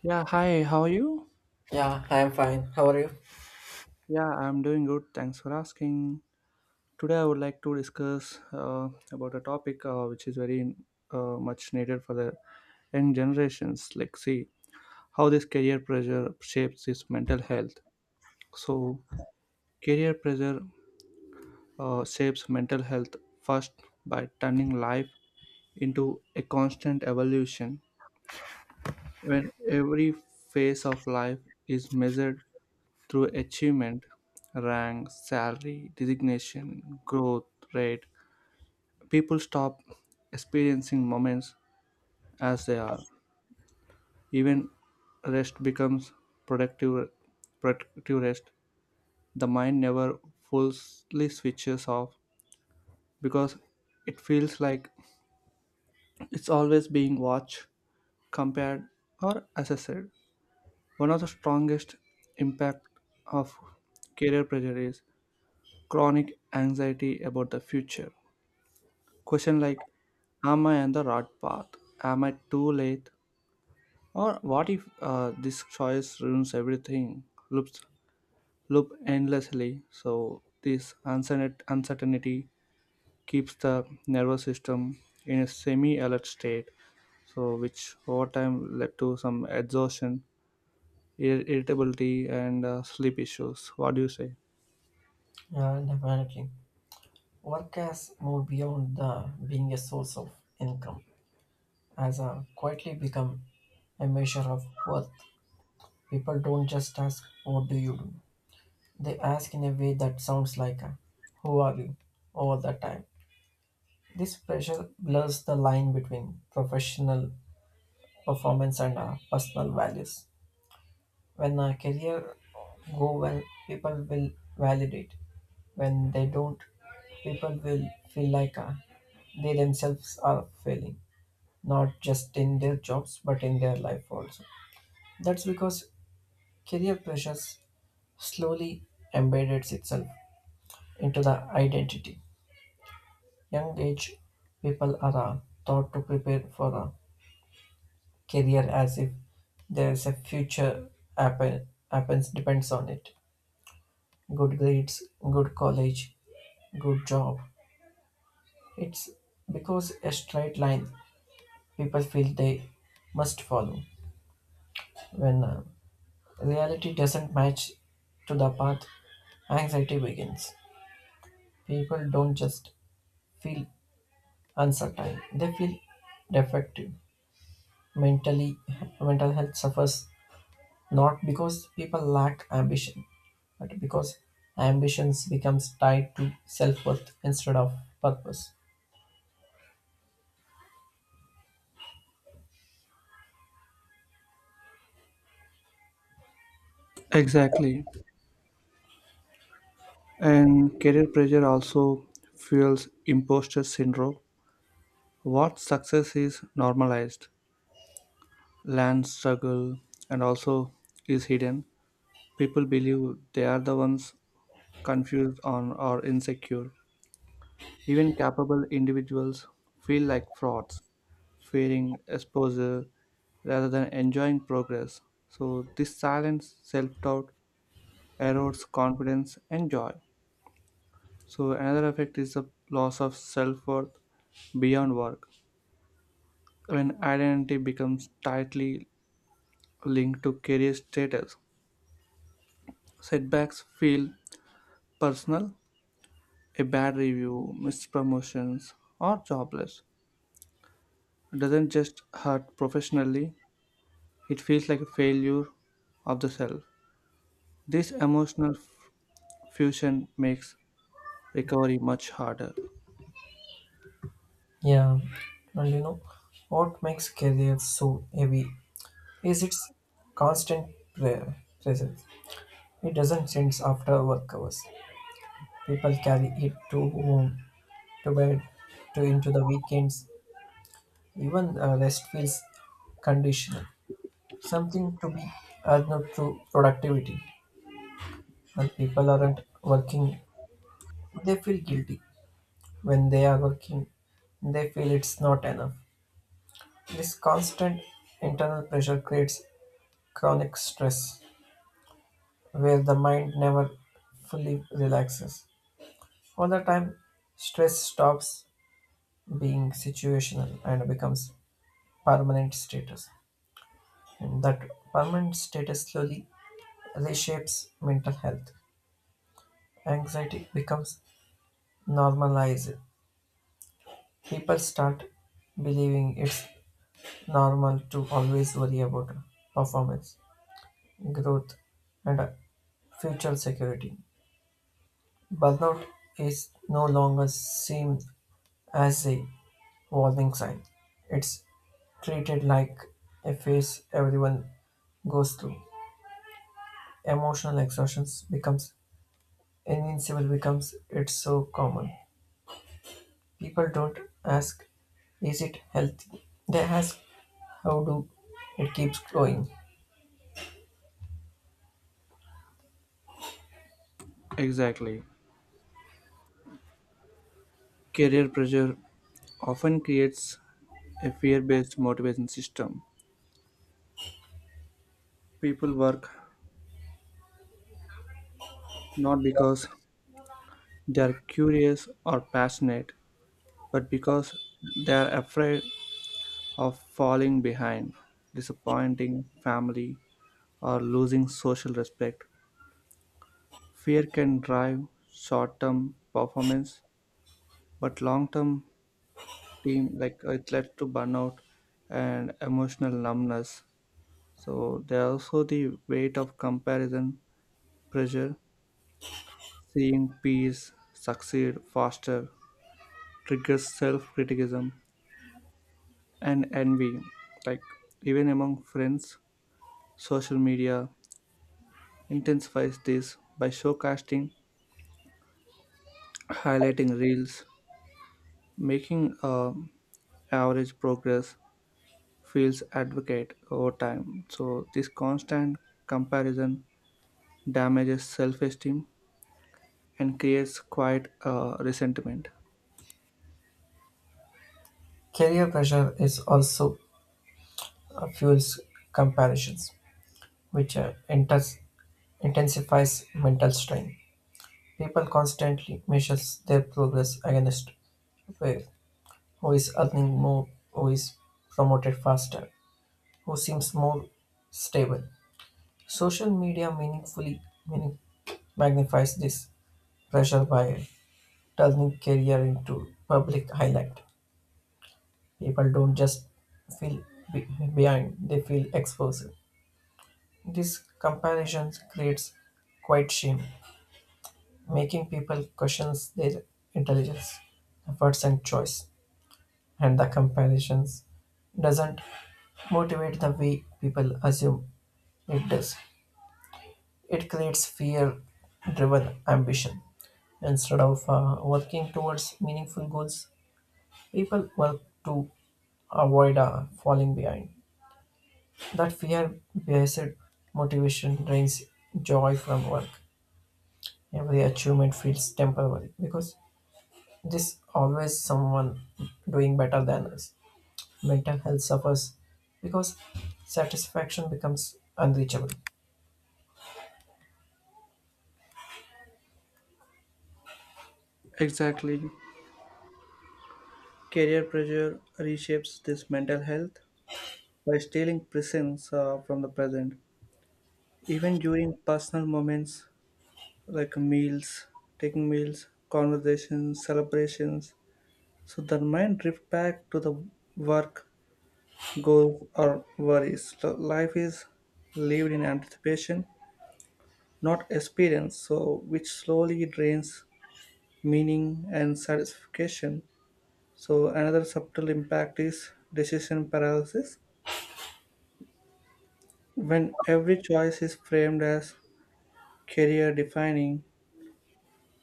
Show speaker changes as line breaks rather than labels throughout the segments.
Yeah, hi, how are you?
Yeah, I'm fine. How are you?
Yeah, I'm doing good. Thanks for asking. Today, I would like to discuss about a topic which is very much needed for the young generations. Like, see how this career pressure shapes this mental health. So, career pressure shapes mental health first by turning life into a constant evolution. When every phase of life is measured through achievement, rank, salary, designation, growth rate. People stop experiencing moments as they are. Even rest becomes productive, productive rest. The mind never fully switches off because it feels like it's always being watched, compared, or assessed. One of the strongest impact of career pressure is chronic anxiety about the future. Question like, am I on the right path? Am I too late? Or what if this choice ruins everything? Loops loop endlessly. So this uncertainty keeps the nervous system in a semi-alert state. So which over time led to some exhaustion, irritability, and sleep issues. What do you say?
Yeah, definitely. Work has moved beyond the being a source of income, has quietly become a measure of worth. People don't just ask, What do you do? They ask in a way that sounds like, Who are you? All the time. This pressure blurs the line between professional performance and personal values. When a career go well, people will validate. When they don't, people will feel like they themselves are failing not just in their jobs but in their life also. That's because career pressures slowly embeds itself into the identity. Young age people are taught to prepare for a career as if there's a future happens depends on it: good grades, good college, good job. It's because a straight line people feel they must follow. When reality doesn't match to the path, anxiety begins. People don't just feel uncertain, they feel defective. Mentally, mental health suffers not because people lack ambition, but because ambitions becomes tied to self-worth instead of purpose.
Exactly. And career pressure also fuels imposter syndrome. What success is normalized, land struggle, and also is hidden. People believe they are the ones confused on or insecure. Even capable individuals feel like frauds, fearing exposure rather than enjoying progress. So this silent self-doubt erodes confidence and joy. So another effect is the loss of self-worth beyond work. When identity becomes tightly linked to career status. Setbacks feel personal. A bad review, missed promotions, or jobless doesn't just hurt professionally, it feels like a failure of the self. This emotional fusion makes recovery much harder.
Yeah, and you know what makes career so heavy is its constant pre- presence. It doesn't end after work hours. People carry it to home, to bed, to into the weekends. Even rest feels conditional, something to be earned through productivity. When people aren't working, they feel guilty. When they are working, they feel it's not enough. This constant internal pressure creates chronic stress, where the mind never fully relaxes. All the time, stress stops being situational and becomes permanent status. And that permanent status slowly reshapes mental health. Anxiety becomes normalized. People start believing it's normal to always worry about performance, growth, and future security. Burnout is no longer seen as a warning sign. It's treated like a phase everyone goes through. Emotional exhaustion becomes invincible, becomes it's so common. People don't ask, is it healthy? They ask, how do it keeps growing?
Exactly. Career pressure often creates a fear based motivation system. People work not because they are curious or passionate, but because they are afraid of falling behind, disappointing family, or losing social respect. Fear can drive short-term performance, but long-term team it leads to burnout and emotional numbness. So there are also the weight of comparison, pressure, seeing peers succeed faster triggers self-criticism and envy, like even among friends, social media, intensifies this by showcasting, highlighting reels, making average progress feels advocate over time. So this constant comparison damages self-esteem and creates quiet resentment.
Career pressure is also fuels comparisons, which intensifies mental strain. People constantly measures their progress against where, who is earning more, who is promoted faster, who seems more stable. Social media meaning, magnifies this pressure by turning career into public highlight. People don't just feel be- behind, they feel exposed. This comparison creates quite shame, making people question their intelligence, efforts and choice. And the comparisons doesn't motivate the way people assume it does. It creates fear driven ambition. Instead of working towards meaningful goals, people work to avoid falling behind. That fear based motivation drains joy from work. Every achievement feels temporary because there's always someone doing better than us. Mental health suffers because satisfaction becomes unreachable.
Exactly, career pressure reshapes this mental health by stealing presence from the present. Even during personal moments like meals, taking meals, conversations, celebrations, so their mind drift back to the work, goals, or worries. So life is lived in anticipation, not experience, so which slowly drains meaning and satisfaction. So another subtle impact is decision paralysis. When every choice is framed as career defining,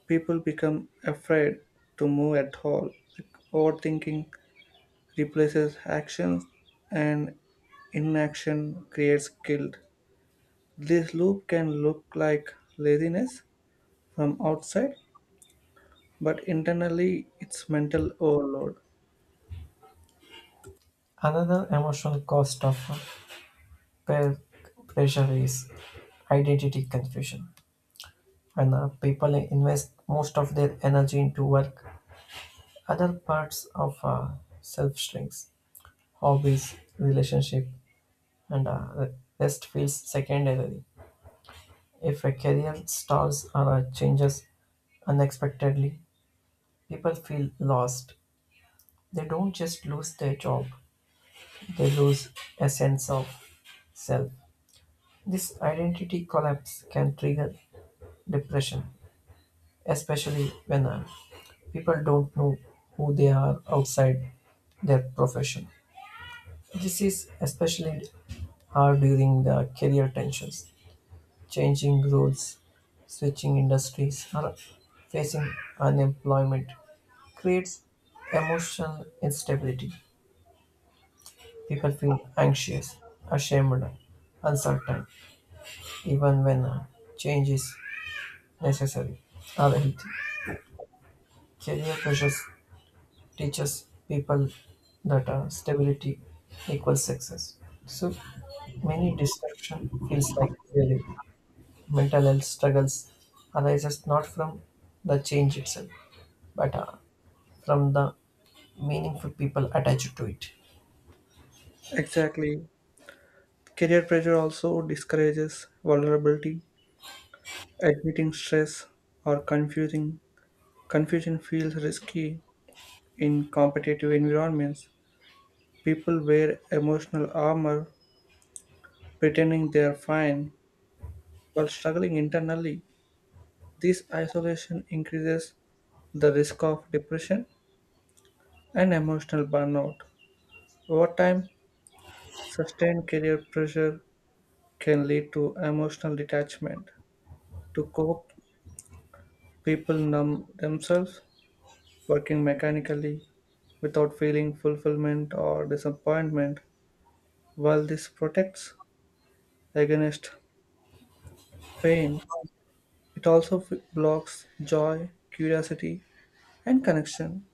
people become afraid to move at all. Like, overthinking replaces action and inaction creates guilt. This loop can look like laziness from outside, but internally it's mental overload.
Another emotional cost of peer pressure is identity confusion. When people invest most of their energy into work, other parts of self shrinks: hobbies, relationship, and the rest feels secondary. If a career stalls or changes unexpectedly, people feel lost. They don't just lose their job, they lose a sense of self. This identity collapse can trigger depression, especially when people don't know who they are outside their profession. This is especially hard during the career tensions: changing rules, switching industries, or facing unemployment creates emotional instability. People feel anxious, ashamed, uncertain, even when change is necessary or healthy. Career pressures teaches people that stability equals success. So many distraction feels like failure. Mental health struggles arises not from the change itself, but from the meaningful people attached to it.
Exactly. Career pressure also discourages vulnerability. Admitting stress or confusing confusion feels risky in competitive environments. People wear emotional armor, pretending they are fine while struggling internally. This isolation increases the risk of depression and emotional burnout. Over time, sustained career pressure can lead to emotional detachment. To cope, people numb themselves, working mechanically without feeling fulfillment or disappointment. While this protects against pain, it also blocks joy, curiosity, and connection.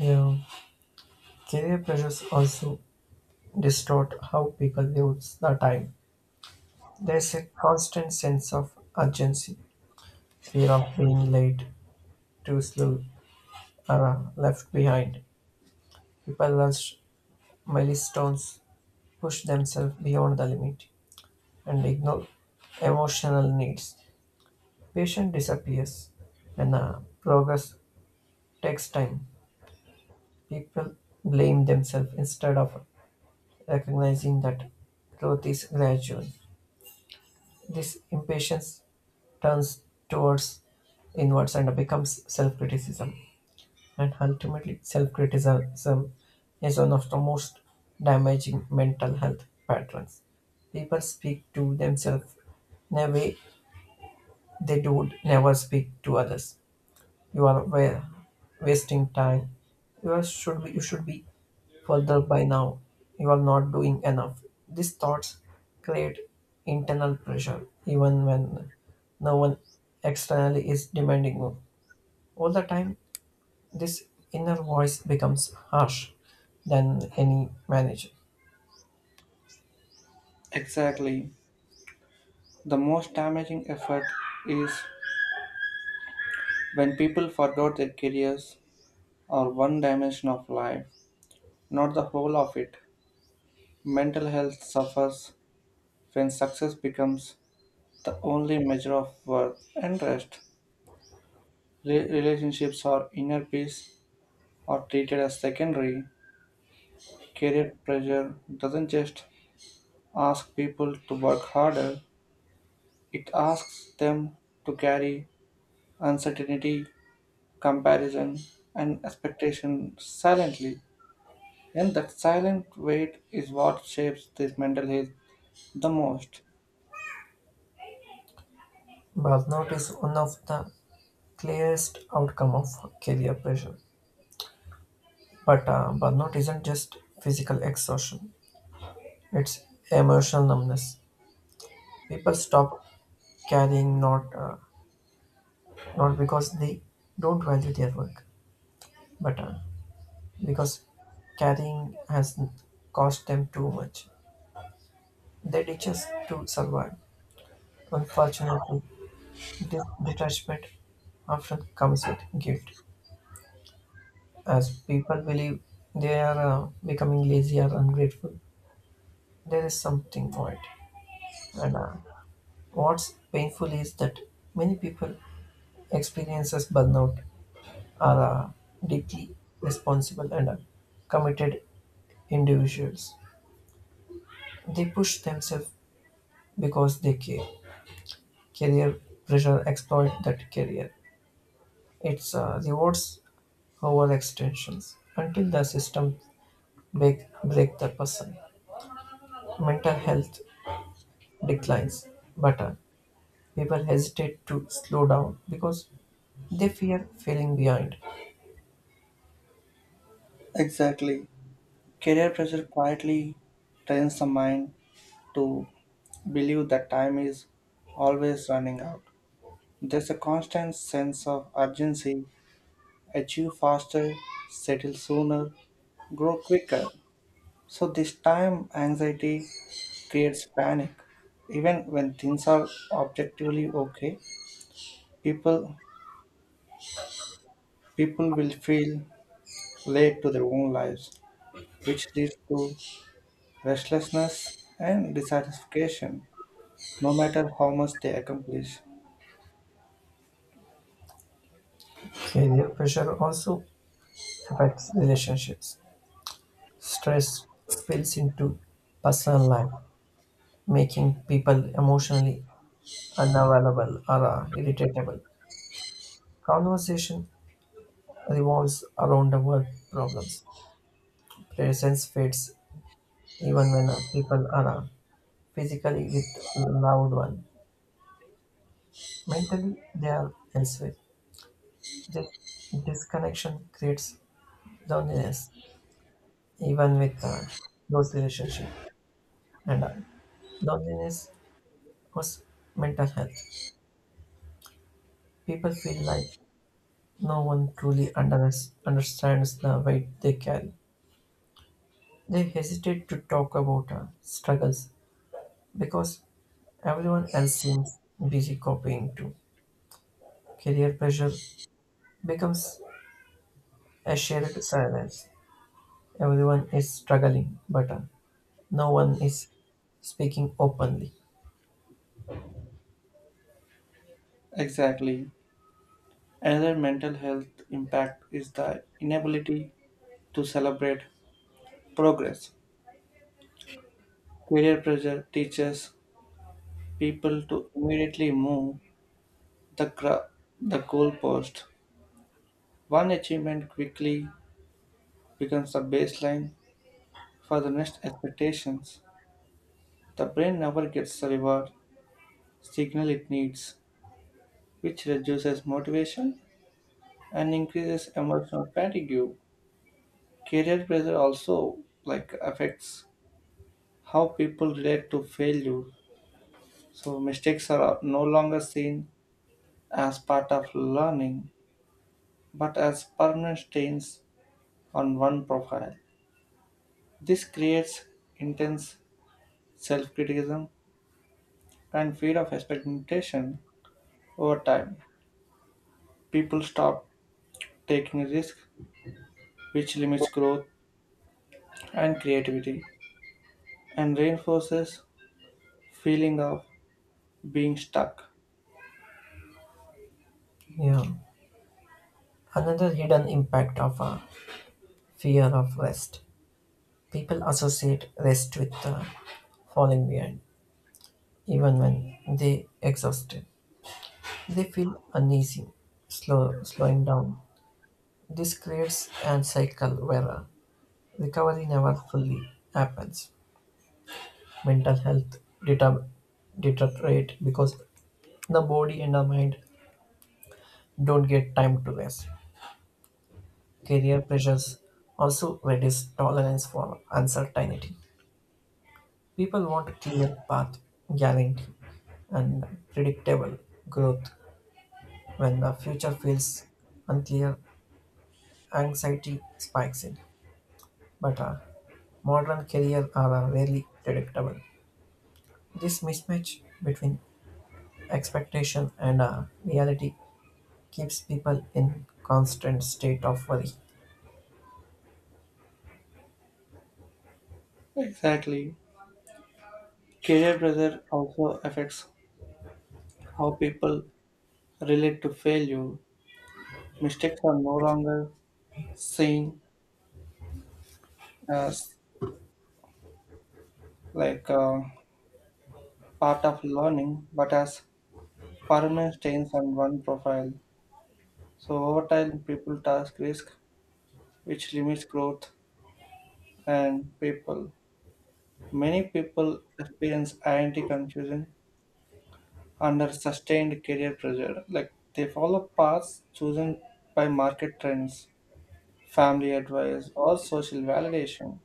Yeah. Career pressures also distort how people use the time. There's a constant sense of urgency, fear of being late, too slow, or left behind. People rush milestones, push themselves beyond the limit, and ignore emotional needs. Patience disappears, and progress takes time. People blame themselves instead of recognizing that growth is gradual. This impatience turns towards inwards and becomes self criticism. And ultimately, self criticism is one of the most damaging mental health patterns. People speak to themselves in a way they do never speak to others. You are wasting time. You should be further by now. You are not doing enough. These thoughts create internal pressure even when no one externally is demanding more. All the time, this inner voice becomes harsh than any manager.
Exactly. The most damaging effect is when people forgot their careers or one dimension of life, not the whole of it. Mental health suffers when success becomes the only measure of worth and rest. Relationships or inner peace are treated as secondary. Career pressure doesn't just ask people to work harder, it asks them to carry uncertainty, comparison, and expectation silently. And that silent weight is what shapes this mental health the most.
Burnout is one of the clearest outcome of career pressure, but burnout isn't just physical exhaustion, it's emotional numbness. People stop caring not because they don't value their work, but because caring has cost them too much. They ditch us to survive. Unfortunately, this detachment often comes with guilt, as people believe they are becoming lazy or ungrateful. There is something to it, and what's painful is that many people experiences burnout are deeply responsible and committed individuals. They push themselves because they care. Career pressure exploit that career. It's rewards overextensions until the system break the person. Mental health declines, but people hesitate to slow down because they fear falling behind.
Exactly. Career pressure quietly trains the mind to believe that time is always running out. There's a constant sense of urgency achieve faster, settle sooner, grow quicker. So, this time anxiety creates panic. Even when things are objectively okay, people, people will feel late to their own lives. Which leads to restlessness and dissatisfaction, no matter how much they accomplish.
Career pressure also affects relationships. Stress spills into personal life, making people emotionally unavailable or irritable. Conversation revolves around the work problems. Presence fades even when people are physically with loved one. Mentally, they are elsewhere. This disconnection creates loneliness, even with those relationships. And loneliness was mental health. People feel like no one truly understands the weight they carry. They hesitate to talk about our struggles because everyone else seems busy copying too. Career pressure becomes a shared silence. Everyone is struggling, but no one is speaking openly.
Exactly. Another mental health impact is the inability to celebrate progress. Career pressure teaches people to immediately move the, gra- the goalpost. One achievement quickly becomes the baseline for the next expectations. The brain never gets the reward signal it needs, which reduces motivation and increases emotional fatigue. Career pressure also like affects how people relate to failure. So mistakes are no longer seen as part of learning, but as permanent stains on one profile. This creates intense self-criticism and fear of expectation over time. People stop taking risks, which limits growth and creativity and reinforces feeling of being stuck.
Yeah. Another hidden impact of fear of rest. People associate rest with falling behind, even when they exhausted. They feel uneasy, slowing down. This creates a cycle where recovery never fully happens. Mental health deta- deteriorate because the body and the mind don't get time to rest. Career pressures also reduce tolerance for uncertainty. People want a clear path, guarantee, and predictable growth. When the future feels unclear, anxiety spikes in. But modern careers are rarely predictable. This mismatch between expectation and reality keeps people in constant state of worry.
Exactly. Career pressure also affects how people relate to failure. Mistakes are no longer seen as like uh, part of learning, but as permanent stains on one profile. So over time, people task risk, which limits growth and people. Many people experience identity confusion under sustained career pressure. Like they follow paths chosen by market trends family advice, or social validation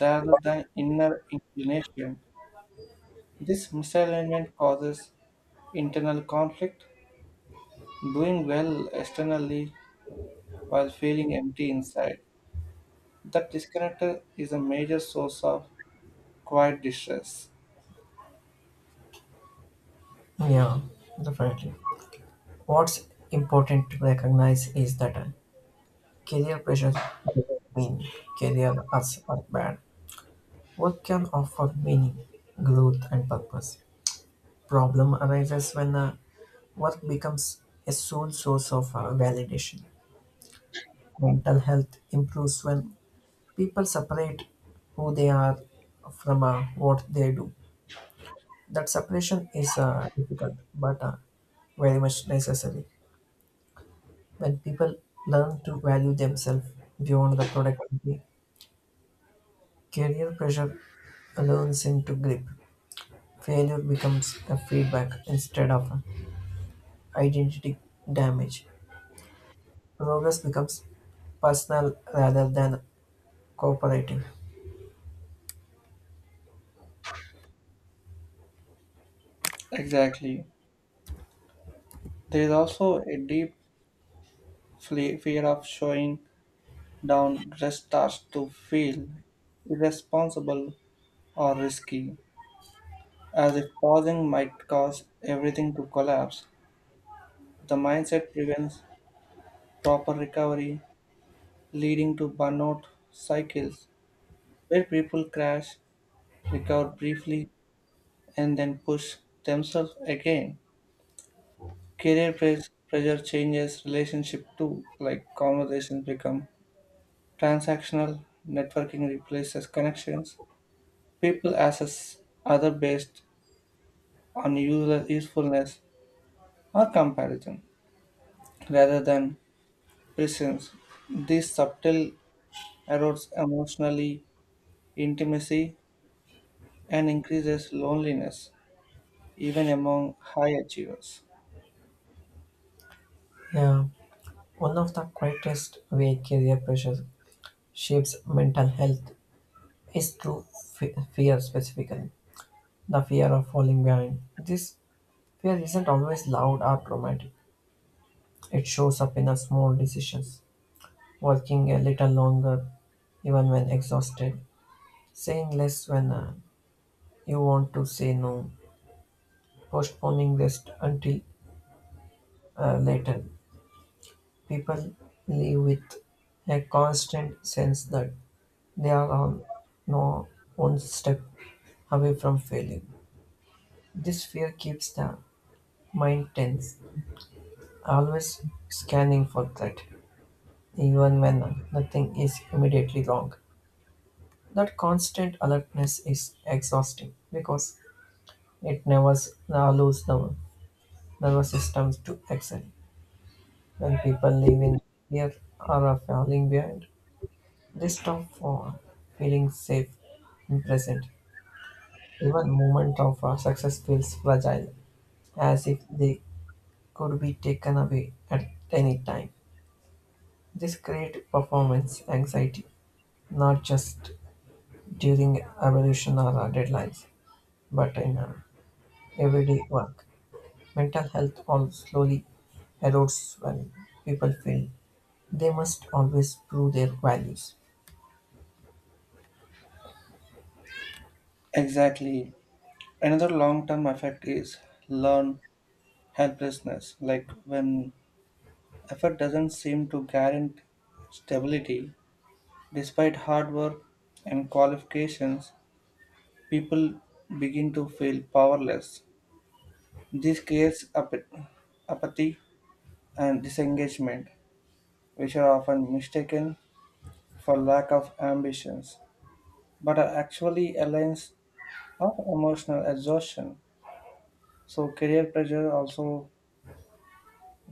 rather than inner inclination. This misalignment causes internal conflict, doing well externally while feeling empty inside. That disconnect is a major source of quiet distress.
Yeah, definitely. What's important to recognize is that career pressure doesn't mean career as are bad. Work can offer meaning, growth, and purpose. Problem arises when work becomes a sole source of validation. Mental health improves when people separate who they are from what they do. That separation is difficult, but very much necessary. When people learn to value themselves beyond the productivity, career pressure learns into grip. Failure becomes a feedback instead of identity damage. Progress becomes personal rather than cooperative.
Exactly. There is also a deep fear of showing down just starts to feel irresponsible or risky, as if pausing might cause everything to collapse. The mindset prevents proper recovery, leading to burnout cycles where people crash, recover briefly, and then push themselves again. Career pressure changes relationship too, like conversations become transactional, networking replaces connections. People assess other based on user usefulness or comparison rather than presence. This subtle erodes emotionally intimacy and increases loneliness even among high achievers.
Yeah, one of the quietest way career pressure shapes mental health is through fear, specifically the fear of falling behind. This fear isn't always loud or dramatic. It shows up in the small decisions: working a little longer even when exhausted, saying less when you want to say no, postponing rest until later. People live with a constant sense that they are on no one step away from failing. This fear keeps the mind tense. Always scanning for threat, even when nothing is immediately wrong. That constant alertness is exhausting because it never allows the nervous systems to excel. When people live in fear or are falling behind, they stop for feeling safe and present. Even moment of success feels fragile, as if they could be taken away at any time. This creates performance anxiety, not just during abolition or our deadlines, but in our everyday work. Mental health all slowly erodes when people feel they must always prove their values.
Exactly. Another long term effect is learned helplessness. Like when effort doesn't seem to guarantee stability, despite hard work and qualifications, people begin to feel powerless. This creates apathy and disengagement, which are often mistaken for lack of ambitions, but are actually aligned or emotional exhaustion. So, career pressure also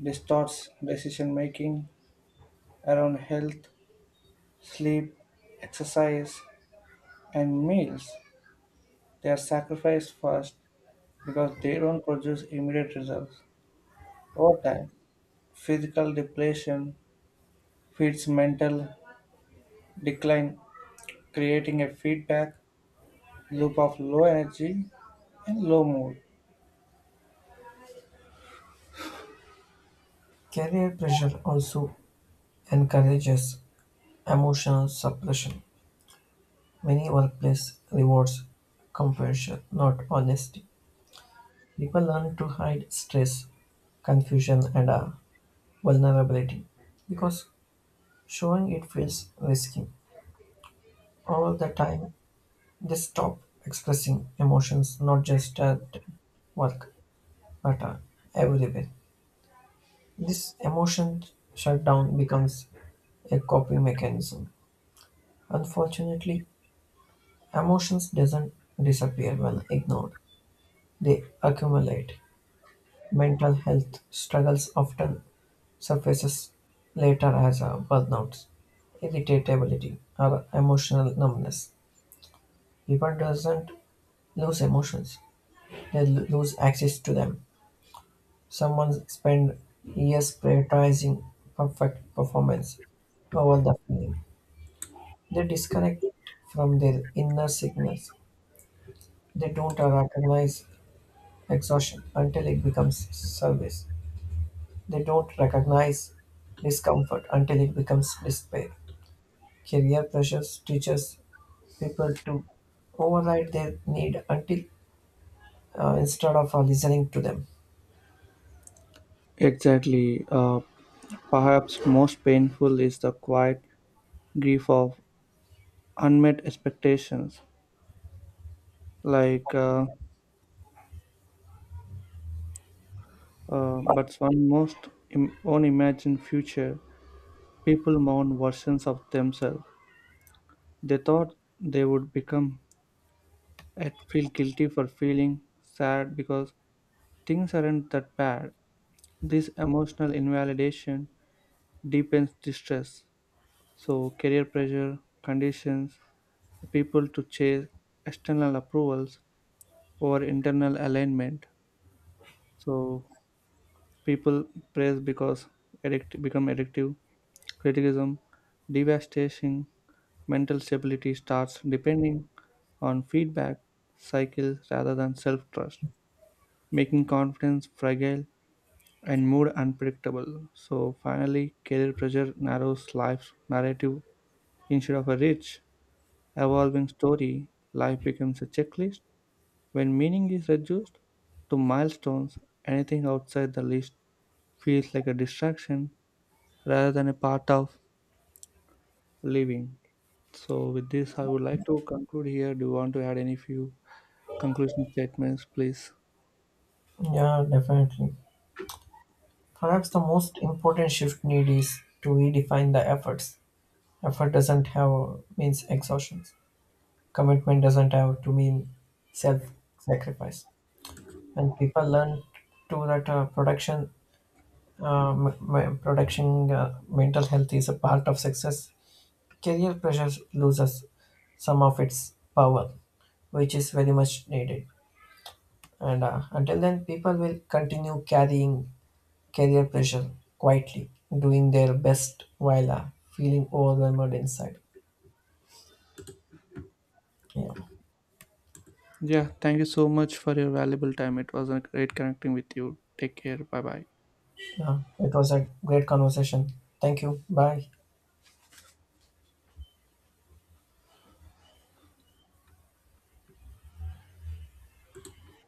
distorts decision making around health, sleep, exercise, and meals. They are sacrificed first because they don't produce immediate results. Over time, physical depletion feeds mental decline, creating a feedback loop of low energy and low mood.
Career pressure also encourages emotional suppression. Many workplace rewards compression, not honesty. People learn to hide stress, confusion, and vulnerability because showing it feels risky. All the time, they stop expressing emotions not just at work but everywhere. This emotion shutdown becomes a coping mechanism. Unfortunately, emotions doesn't disappear when ignored. They accumulate. Mental health struggles often surfaces later as a burnout, irritability, or emotional numbness. People doesn't lose emotions; they lose access to them. Someone spend years prioritizing perfect performance over the feeling. They disconnect it from their inner signals. They don't recognize exhaustion until it becomes service. They don't recognize discomfort until it becomes despair. Career pressures teaches people to override their need until instead of listening to them.
Exactly. Perhaps most painful is the quiet grief of unmet expectations like uh, but one most unimagined future people mourn versions of themselves they thought they would become and feel guilty for feeling sad because things aren't that bad. This emotional invalidation deepens distress. So career pressure conditions people to chase external approvals over internal alignment. So people praise because addict become addictive. Criticism, devastation, mental stability starts depending on feedback cycles rather than self-trust, making confidence fragile and mood unpredictable. So finally, career pressure narrows life's narrative instead of a rich, evolving story. Life becomes a checklist when meaning is reduced to milestones. Anything outside the list feels like a distraction rather than a part of living. So, with this, I would like to conclude here. Do you want to add any few conclusion statements, please?
Yeah, definitely. Perhaps the most important shift need is to redefine the efforts. Effort doesn't have means exhaustion. Commitment doesn't have to mean self-sacrifice. When people learn to that production, mental health is a part of success. Career pressure loses some of its power, which is very much needed. And until then, people will continue carrying career pressure quietly, doing their best while feeling overwhelmed inside. Yeah.
Yeah, thank you so much for your valuable time. It was a great connecting with you. Take care. Bye bye.
Yeah, it was a great conversation. Thank you. Bye.